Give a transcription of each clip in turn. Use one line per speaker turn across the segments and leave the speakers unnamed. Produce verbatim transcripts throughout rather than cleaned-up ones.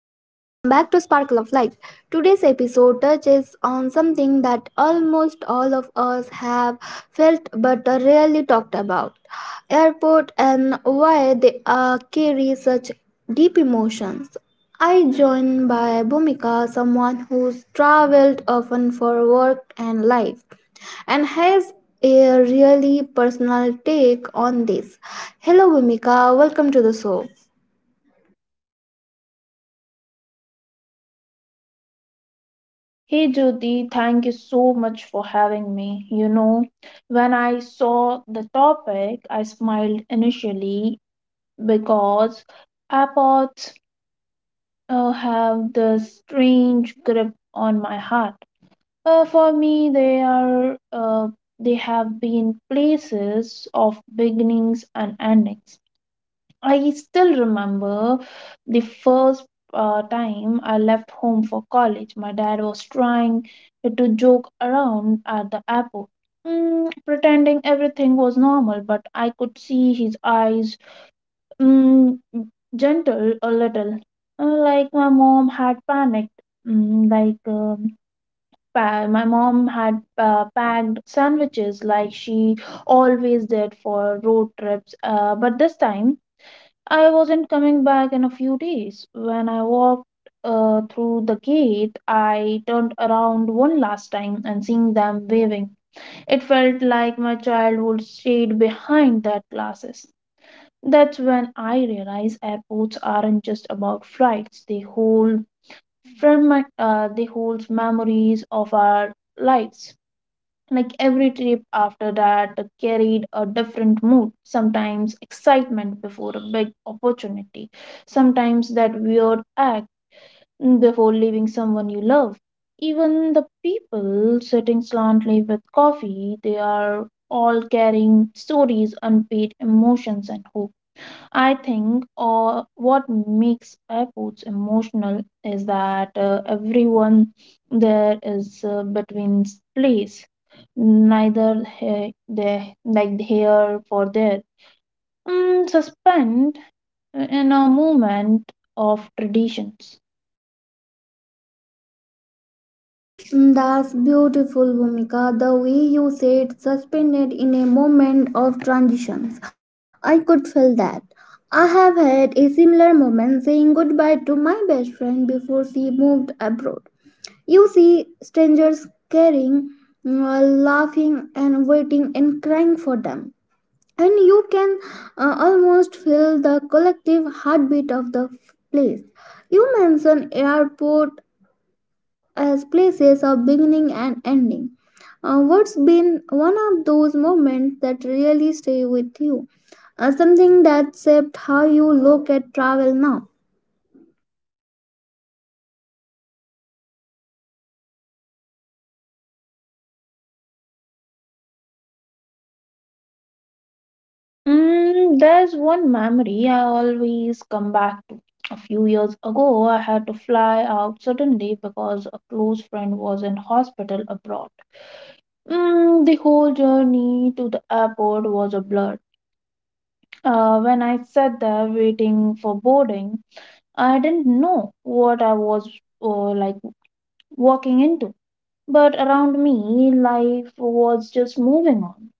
Sparkle of Life. Today's episode touches on something that almost all of us have felt but rarely talked about airport and why they uh, carry such deep emotions. I joined by Bhumika, someone who's traveled often for work and life and has a really personal take on this. Hello, Bhumika, welcome to the show.
Hey Jyoti, thank you so much for having me. You know, when I saw the topic, I smiled initially because airports uh, have this strange grip on my heart. Uh, for me, they are uh, they have been places of beginnings and endings. I still remember the first uh, time I left home for college. My dad was trying to joke around at the airport, mm, pretending everything was normal, but I could see his eyes mm, gentle a little. Uh, Like my mom had panicked, mm, like um, pa- my mom had uh, packed sandwiches like she always did for road trips, uh, but this time I wasn't coming back in a few days. When I walked uh, through the gate, I turned around one last time and seeing them waving. It felt like my childhood stayed behind that glasses. That's when I realized airports aren't just about flights. They hold fragment, uh, they hold memories of our lives. Like every trip after that carried a different mood, sometimes excitement before a big opportunity, sometimes that weird act before leaving someone you love. Even the people sitting slantly with coffee, they are all carrying stories, unpaid emotions, and hope. I think uh, what makes airports emotional is that uh, everyone there is uh, between place, neither he- they like here for there, mm, suspend in a moment of traditions.
Mm, that's beautiful, Bhumika. The way you said suspended in a moment of transitions. I could feel that. I have had a similar moment saying goodbye to my best friend before she moved abroad. You see strangers caring, uh, laughing, and waiting and crying for them. And you can uh, almost feel the collective heartbeat of the f- place. You mentioned airport as places of beginning and ending. Uh, what's been one of those moments that really stay with you? Uh, something that shaped how you look at travel now?
Mm, there's one memory I always come back to. A few years ago, I had to fly out suddenly because a close friend was in hospital abroad. Mm, the whole journey to the airport was a blur. Uh, when I sat there waiting for boarding, I didn't know what I was uh, like walking into. But around me, life was just moving on.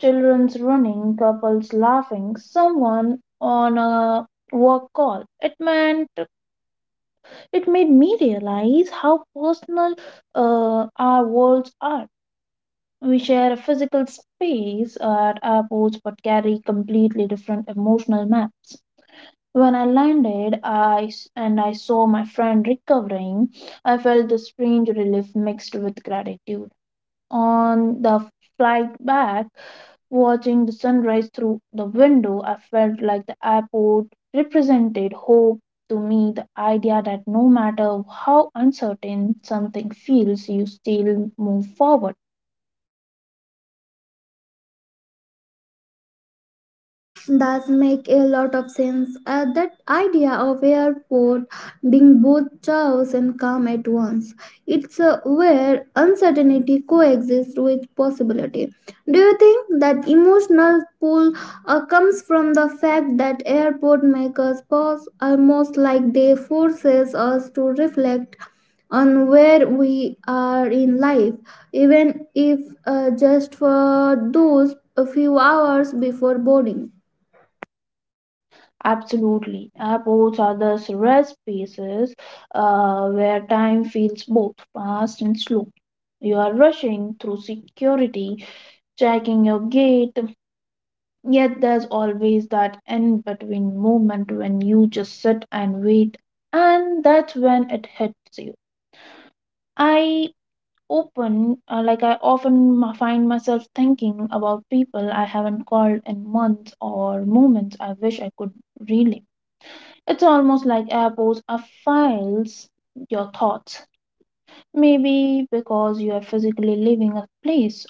Children's running, couples laughing, someone on a work call. It meant it made me realize how personal uh, our worlds are. We share a physical space at airports but carry completely different emotional maps. When I landed I, s- and I saw my friend recovering, I felt a strange relief mixed with gratitude. On the flight back, watching the sunrise through the window, I felt like the airport represented hope to me, the idea that no matter how uncertain something feels, you still move forward.
Does make a lot of sense. Uh, that idea of airport being both chaos and calm at once. It's uh, where uncertainty coexists with possibility. Do you think that emotional pull uh, comes from the fact that airport make us pause, almost like they forces us to reflect on where we are in life, even if uh, just for those a few hours before boarding?
Absolutely. Airports are those rare spaces uh, where time feels both fast and slow. You are rushing through security, checking your gate, yet there's always that in between moment when you just sit and wait, and that's when it hits you. I open, uh, like, I often m- find myself thinking about people I haven't called in months or moments I wish I could relive. It's almost like airports are files your thoughts. Maybe because you are physically leaving a place,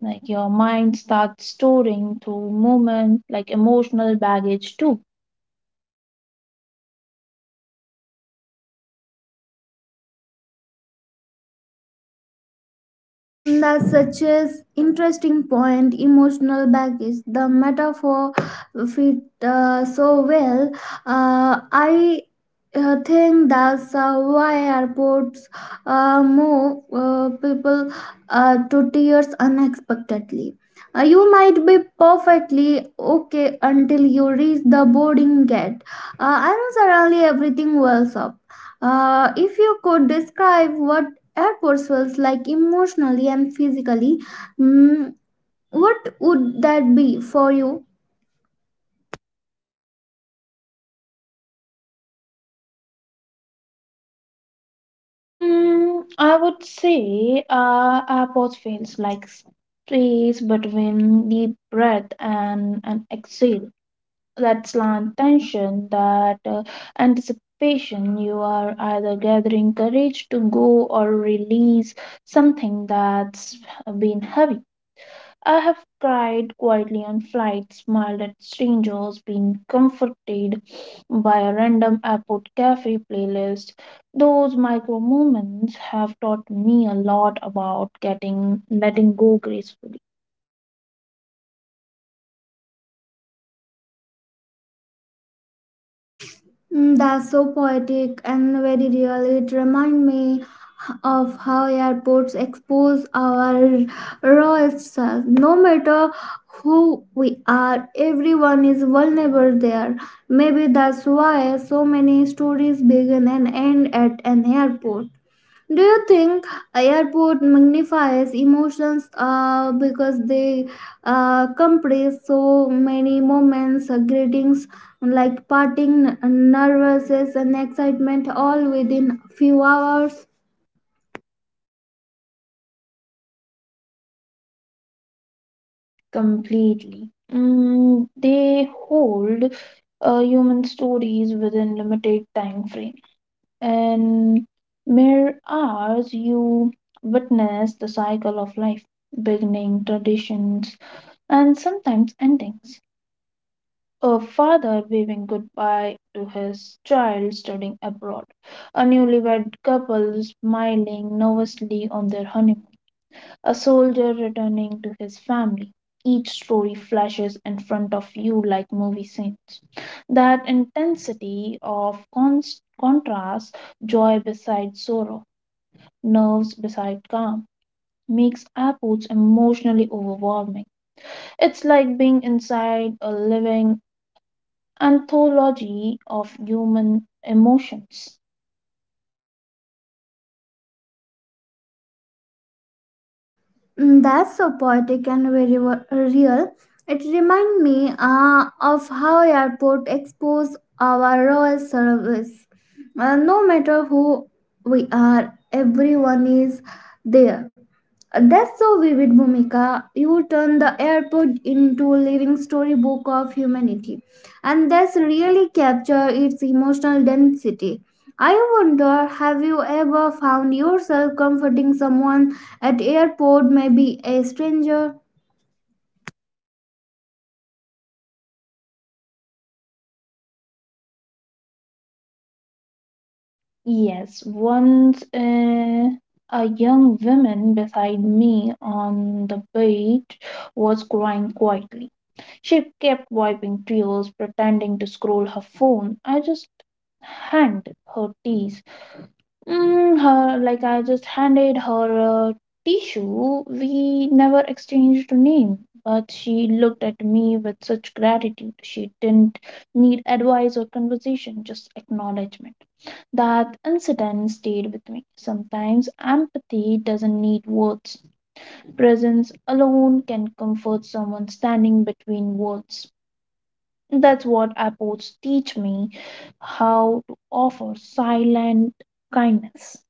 like your mind starts storing through movement, like emotional baggage too.
That's such an interesting point. Emotional baggage. The metaphor fit uh, so well. Uh, I uh, think that's uh, why airports uh, move uh, people uh, to tears unexpectedly. Uh, you might be perfectly okay until you reach the boarding gate, uh, and suddenly everything wells up. Uh, if you could describe what airports feels like emotionally and physically. Mm, what would that be for you?
Mm, I would say uh, airports feels like space between deep breath and an exhale, that slant tension, that uh, anticipation. You are either gathering courage to go or release something that's been heavy. I have cried quietly on flights, smiled at strangers, been comforted by a random airport cafe playlist. Those micro moments have taught me a lot about getting letting go gracefully.
Mm, that's so poetic and very real. It reminds me of how airports expose our raw self. No matter who we are, everyone is vulnerable there. Maybe that's why so many stories begin and end at an airport. Do you think airport magnifies emotions uh, because they uh, compress so many moments, uh, greetings like parting, n- nervousness, and excitement all within few hours?
Completely. Mm, they hold uh, human stories within limited time frame. In mere hours, you witness the cycle of life, beginning, traditions, and sometimes endings. A father waving goodbye to his child studying abroad. A newlywed couple smiling nervously on their honeymoon, a soldier returning to his family. Each story flashes in front of you like movie scenes. That intensity of cons- contrast, joy beside sorrow, nerves beside calm, makes airports emotionally overwhelming. It's like being inside a living anthology of human emotions.
Mm, that's so poetic and very wa- real. It reminds me uh, of how airport expose our royal service. Uh, no matter who we are, everyone is there. That's so vivid, Bhumika. You turn the airport into a living storybook of humanity, and that's really capture its emotional density. I wonder, have you ever found yourself comforting someone at airport, maybe a stranger?
Yes, once uh, a young woman beside me on the beach was crying quietly. She kept wiping tears, pretending to scroll her phone. I just hanged her tears Mm, her like I just handed her a tissue. We never exchanged a name, but she looked at me with such gratitude. She didn't need advice or conversation, just acknowledgement. That incident stayed with me. Sometimes empathy doesn't need words. Presence alone can comfort someone standing between words. That's what airports teach me, how to offer silent kindness.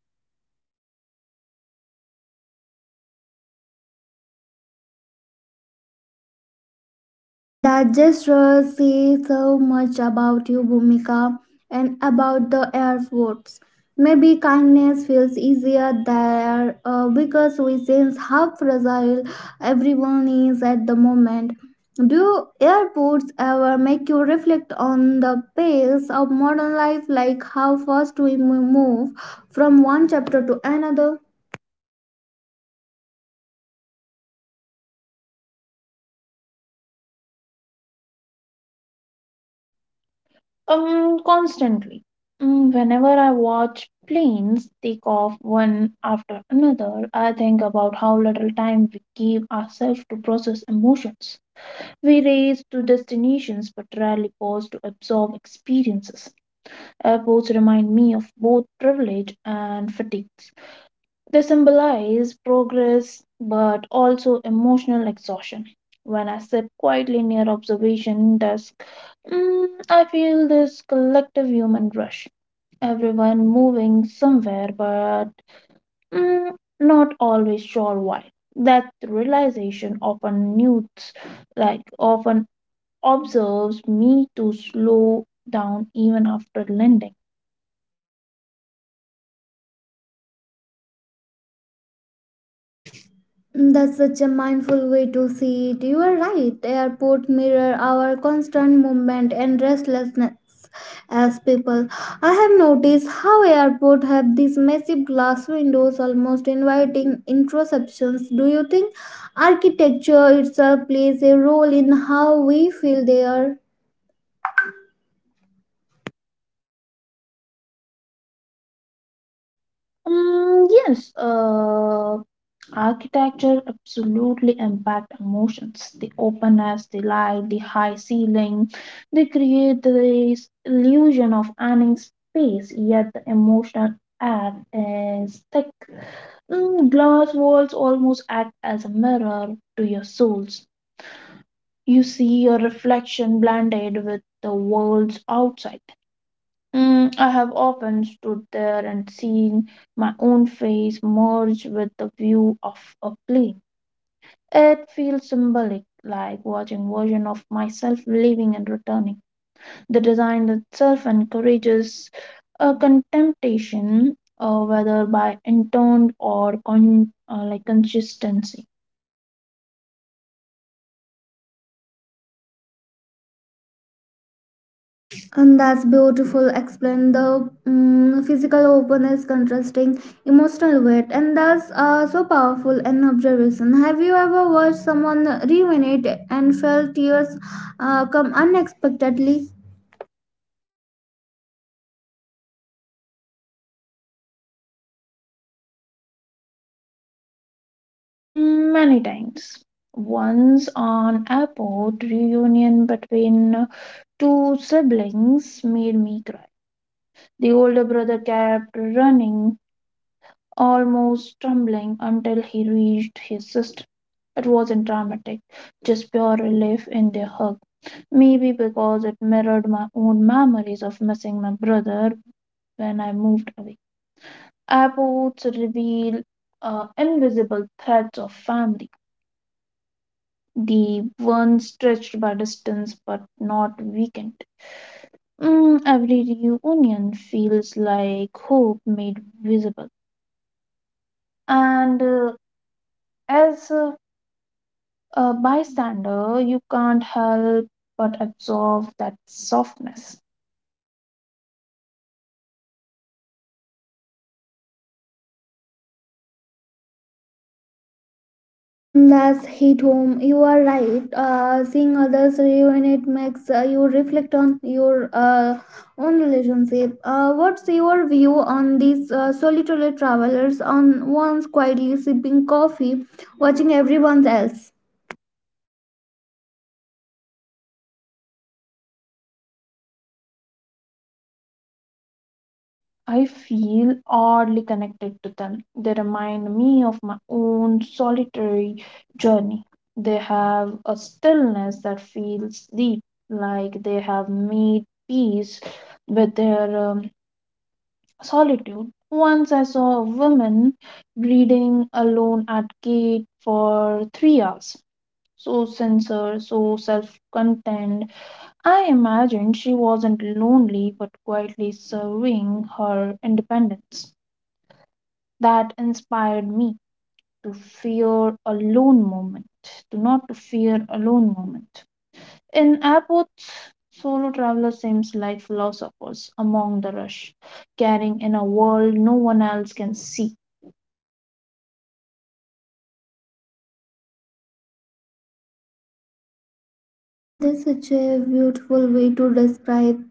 That gesture says so much about you, Bhumika, and about the airports. Maybe kindness feels easier there uh, because we sense how fragile everyone is at the moment. Do airports ever make you reflect on the pace of modern life, like how fast we mo- move from one chapter to another?
Um, constantly. Mm, Whenever I watch planes take off one after another, I think about how little time we give ourselves to process emotions. We race to destinations but rarely pause to absorb experiences. Airports remind me of both privilege and fatigue. They symbolize progress but also emotional exhaustion. When I sit quietly near observation desk, Mm, I feel this collective human rush. Everyone moving somewhere, but mm, not always sure why. That realization often newts, like often observes me to slow down even after landing.
That's such a mindful way to see it. You are right. Airport mirror our constant movement and restlessness as people. I have noticed how airport have these massive glass windows almost inviting introspections. Do you think architecture itself plays a role in how we feel there?
Mm, yes, uh, architecture absolutely impact emotions. The openness, the light, the high ceiling, they create this illusion of earning space, yet the emotional act is thick. Mm, glass walls almost act as a mirror to your souls. You see your reflection blended with the worlds outside. Mm, I have often stood there and seen my own face merge with the view of a plane. It feels symbolic, like watching version of myself leaving and returning. The design itself encourages a contemplation, uh, whether by intoned or con- uh, like consistency.
And that's beautiful explain the mm, physical openness contrasting emotional weight, and that's uh, so powerful an observation. Have you ever watched someone ruminate and felt tears uh, come unexpectedly?
Mm, Many times, once an airport reunion between two siblings made me cry. The older brother kept running, almost stumbling, until he reached his sister. It wasn't dramatic, just pure relief in their hug. Maybe because it mirrored my own memories of missing my brother when I moved away. Airports reveal uh, invisible threads of family, the ones stretched by distance but not weakened. Mm, every reunion feels like hope made visible. And uh, As a, a bystander, you can't help but absorb that softness.
Mm, that's hit home. You are right. Uh, seeing others ruin it makes uh, you reflect on your uh, own relationship. Uh, what's your view on these uh, solitary travelers on ones quietly sipping coffee, watching everyone else?
I feel oddly connected to them. They remind me of my own solitary journey. They have a stillness that feels deep, like they have made peace with their um, solitude. Once I saw a woman reading alone at gate for three hours. So sincere, so self content. I imagined she wasn't lonely but quietly serving her independence. That inspired me to fear alone moment, to not to fear alone moment. In airports, solo traveler seems like philosophers among the rush, carrying in a world no one else can see.
This is such a beautiful way to describe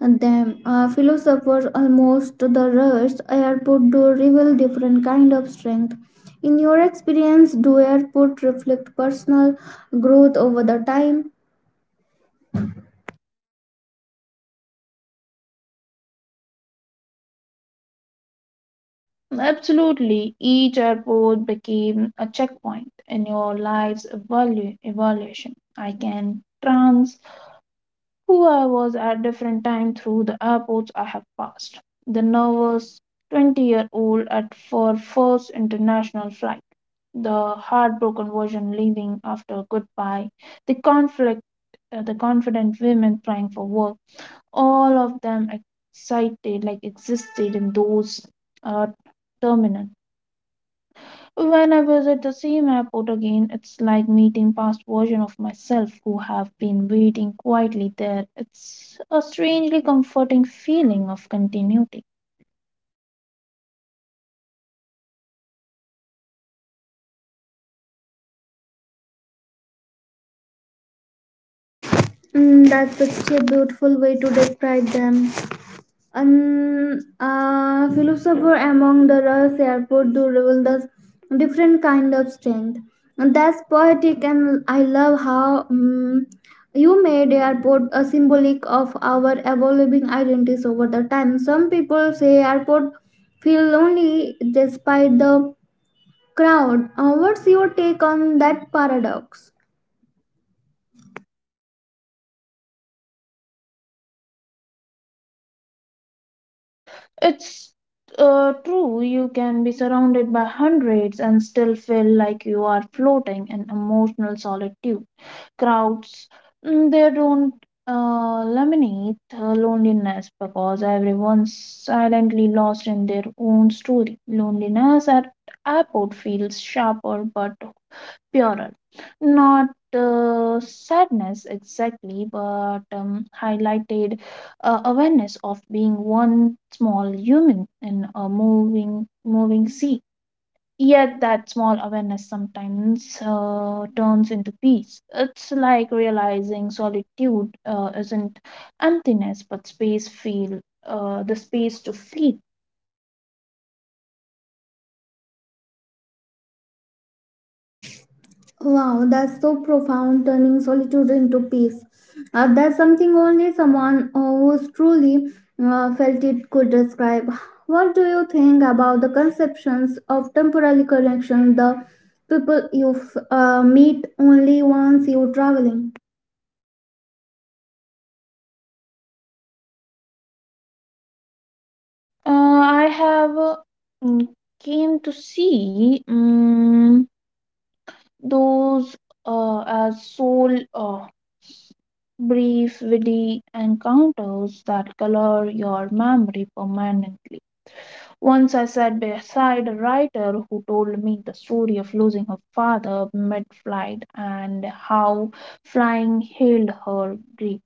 them. Uh, philosophers almost the rush airport do reveal different kind of strength. In your experience, do airport reflect personal growth over the time?
Absolutely, each airport became a checkpoint in your life's evalu- evaluation. I can trans who I was at different time through the airports I have passed. The nervous twenty-year-old at for first international flight, the heartbroken version leaving after goodbye, the conflict, uh, the confident women trying for work. All of them excited, like existed in those uh, terminal. When I visit the same airport again, it's like meeting past version of myself who have been waiting quietly there. It's a strangely comforting feeling of continuity.
Mm, that's such a beautiful way to describe them. An uh, philosopher among the Rus airport do reveal the different kind of strength. And that's poetic, and I love how mm, you made airport a symbolic of our evolving identities over the time. Some people say airport feel lonely despite the crowd. Uh, what's your take on that paradox?
It's uh, true, you can be surrounded by hundreds and still feel like you are floating in emotional solitude. Crowds mm, they don't uh, laminate uh, loneliness because everyone's silently lost in their own story. Loneliness at airport feels sharper but purer, not uh, sadness exactly, but um, highlighted uh, awareness of being one small human in a moving moving sea. Yet that small awareness sometimes uh, turns into peace. It's like realizing solitude uh, isn't emptiness, but space feel uh, the space to feel.
Wow, that's so profound, turning solitude into peace. Uh, that's something only someone uh, who's truly uh, felt it could describe. What do you think about the conceptions of temporary connection, the people you f- uh, meet only once you're traveling?
Uh, I have uh, mm, came to see mm those uh, as soul uh, brief witty encounters that color your memory permanently. Once I sat beside a writer who told me the story of losing her father mid flight and how flying healed her grief.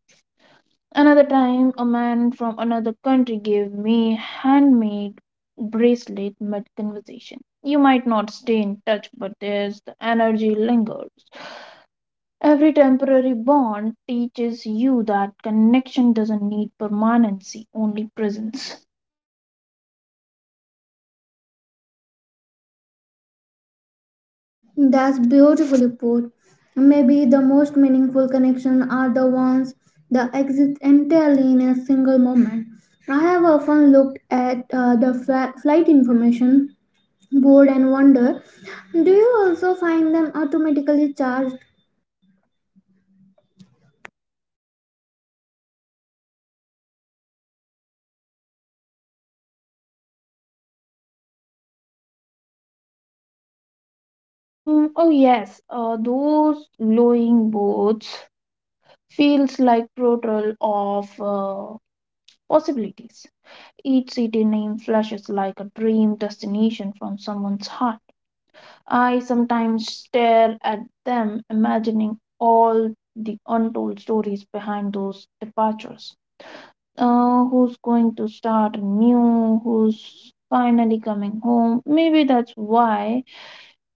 Another time, a man from another country gave me a handmade bracelet mid conversation. You might not stay in touch, but there's the energy lingers. Every temporary bond teaches you that connection doesn't need permanency, only presence.
That's beautifully put. Maybe the most meaningful connection are the ones that exist entirely in a single moment. I have often looked at uh, the fla- flight information bored and wonder, do you also find them automatically charged?
Mm, oh yes, uh, those glowing boats feels like portal of uh, possibilities. Each city name flashes like a dream destination from someone's heart. I sometimes stare at them, imagining all the untold stories behind those departures. Uh, who's going to start new? Who's finally coming home? Maybe that's why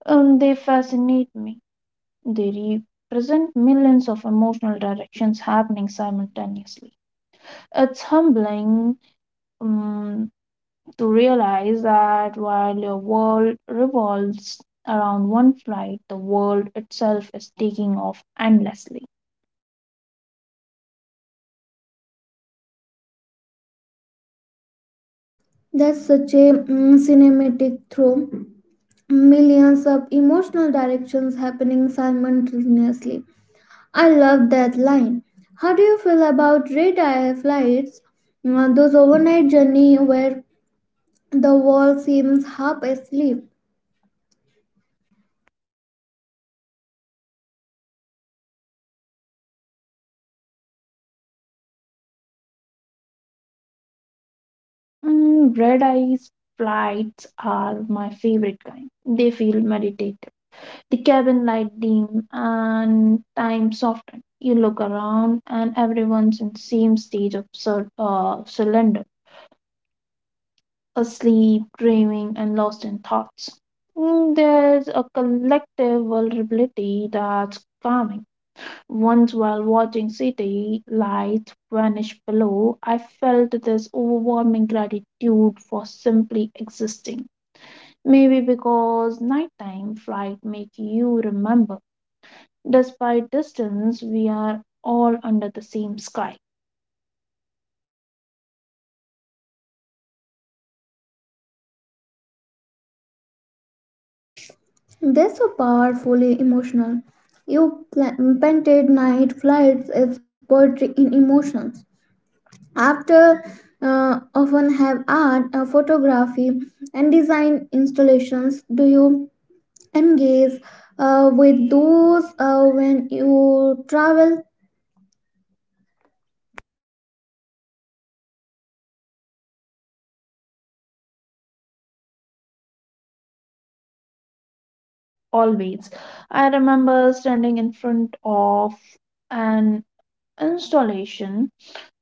um, they fascinate me. They represent millions of emotional directions happening simultaneously. It's humbling um, to realize that while your world revolves around one flight, the world itself is taking off endlessly.
That's such a mm, cinematic throw, millions of emotional directions happening simultaneously. I love that line. How do you feel about red eye flights? Uh, those overnight journey where the wall seems half asleep.
Mm, red eyes flights are my favorite kind. They feel meditative. The cabin light dim and time softened. You look around and everyone's in the same stage of sur- uh, surrender. Asleep, dreaming, and lost in thoughts. Mm, There's a collective vulnerability that's calming. Once, while watching city lights vanish below, I felt this overwhelming gratitude for simply existing. Maybe because nighttime flight make you remember, despite distance, we are all under the same sky.
They're so powerfully emotional. You pla- painted night flights as poetry in emotions. After uh, often have art, uh, photography and design installations, do you engage uh, with those uh, when you travel?
Always, I remember standing in front of an installation,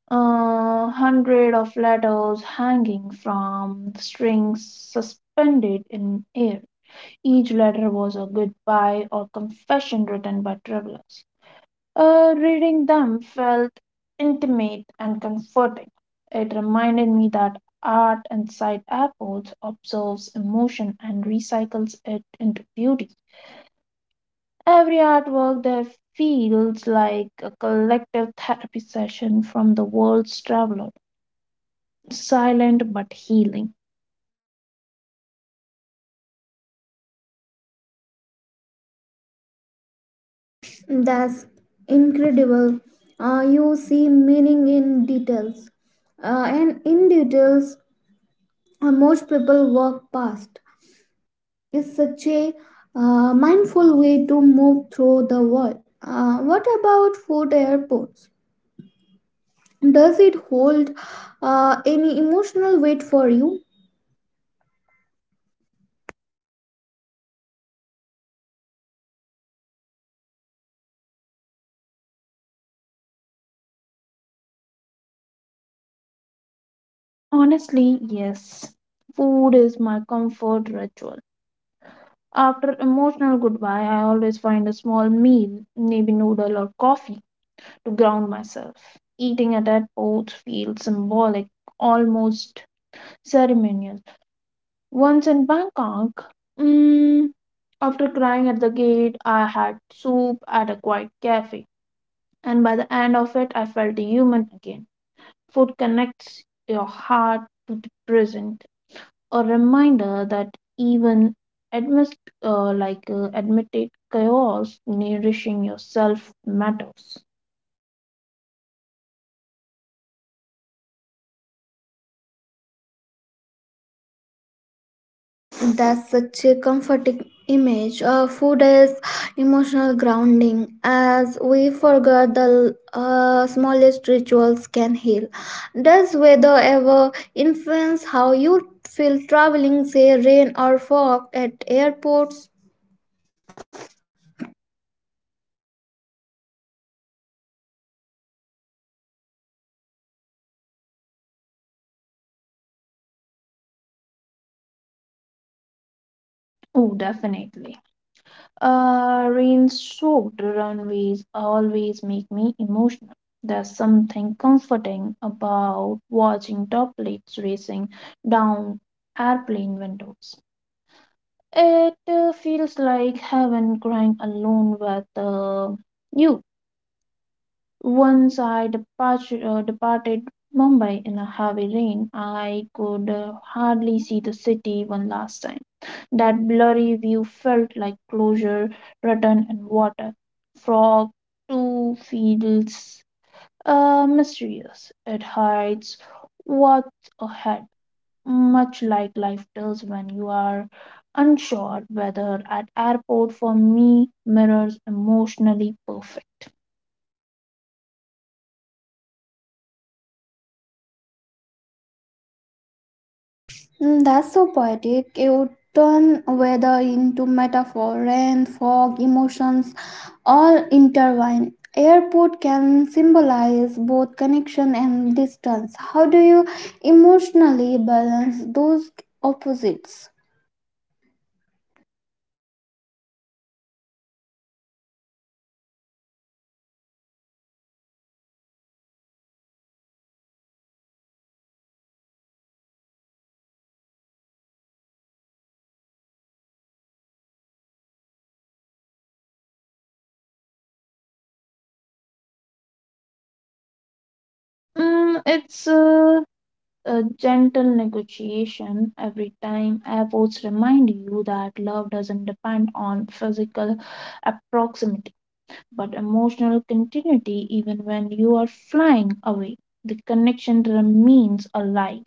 uh, hundred of letters hanging from strings suspended in air. Each letter was a goodbye or confession written by travelers. Uh, reading them felt intimate and comforting. It reminded me that art inside airports observes emotion and recycles it into beauty. Every artwork there feels like a collective therapy session from the world's traveler, silent but healing.
That's incredible. Uh, you see meaning in details uh, and in details uh, most people walk past. It's such a uh, mindful way to move through the world. Uh, what about food airports? Does it hold uh, any emotional weight for you?
Honestly, yes, food is my comfort ritual. After emotional goodbye, I always find a small meal, maybe noodle or coffee, to ground myself. Eating at airports feels symbolic, almost ceremonial. Once in Bangkok, mm, after crying at the gate, I had soup at a quiet cafe, and by the end of it, I felt human again. Food connects your heart to the present, a reminder that even amidst uh, like uh, admitted chaos, nourishing yourself matters.
That's such a comforting image. Uh, food is emotional grounding, as we forget the uh, smallest rituals can heal. Does weather ever influence how you feel traveling, say rain or fog at airports?
Oh, definitely. Uh, rain soaked runways always make me emotional. There's something comforting about watching droplets racing down airplane windows. It uh, feels like heaven crying alone with uh, you. Once I departure, uh, departed Mumbai in a heavy rain, I could uh, hardly see the city one last time. That blurry view felt like closure, return, and water. Fog too feels uh, mysterious. It hides what's ahead, much like life does when you are unsure whether at airport for me mirrors emotionally perfect.
Mm, that's so poetic. You turn weather into metaphor, rain, fog, emotions, all intertwine. Airport can symbolize both connection and distance. How do you emotionally balance those opposites?
Mm, it's uh, a gentle negotiation every time. Efforts remind you that love doesn't depend on physical proximity but emotional continuity. Even when you are flying away, the connection remains alive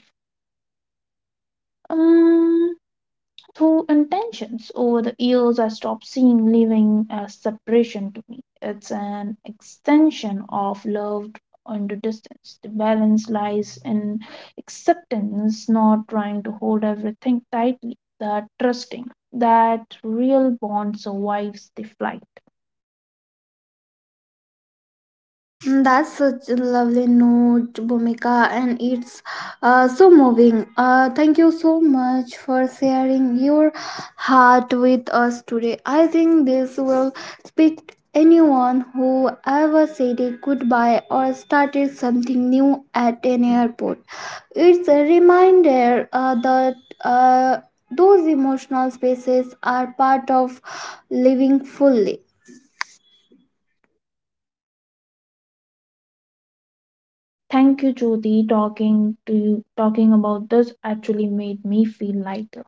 Um, through intentions. Over the years, I stopped seeing living as separation. To me, it's an extension of love under distance. The balance lies in acceptance, not trying to hold everything tightly, that trusting that real bond survives the flight.
Mm, that's such a lovely note, Bhumika, and it's uh, so moving. Uh, thank you so much for sharing your heart with us today. I think this will speak anyone who ever said a goodbye or started something new at an airport. It's a reminder uh, that uh, those emotional spaces are part of living fully.
Thank you, Jyoti. Talking to you Talking about this actually made me feel lighter.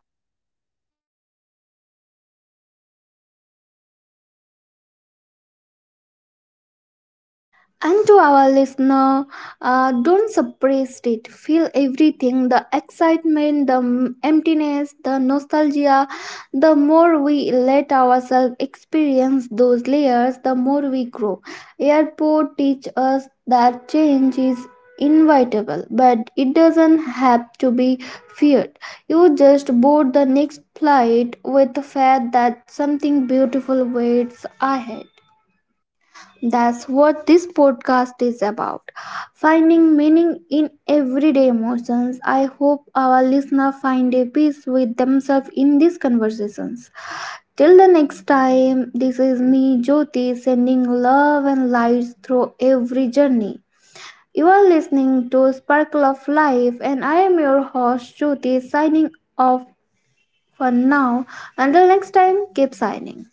And to our listener, uh, don't suppress it. Feel everything, the excitement, the m- emptiness, the nostalgia. The more we let ourselves experience those layers, the more we grow. Airport teach us that change is inevitable, but it doesn't have to be feared. You just board the next flight with the fact that something beautiful waits ahead. That's what this podcast is about, finding meaning in everyday emotions. I hope our listener find a peace with themselves in these conversations. Till the next time, this is me, Jyoti, sending love and lights through every journey. You are listening to Sparkle of Life, and I am your host, Jyoti, signing off for now. Until next time, keep signing.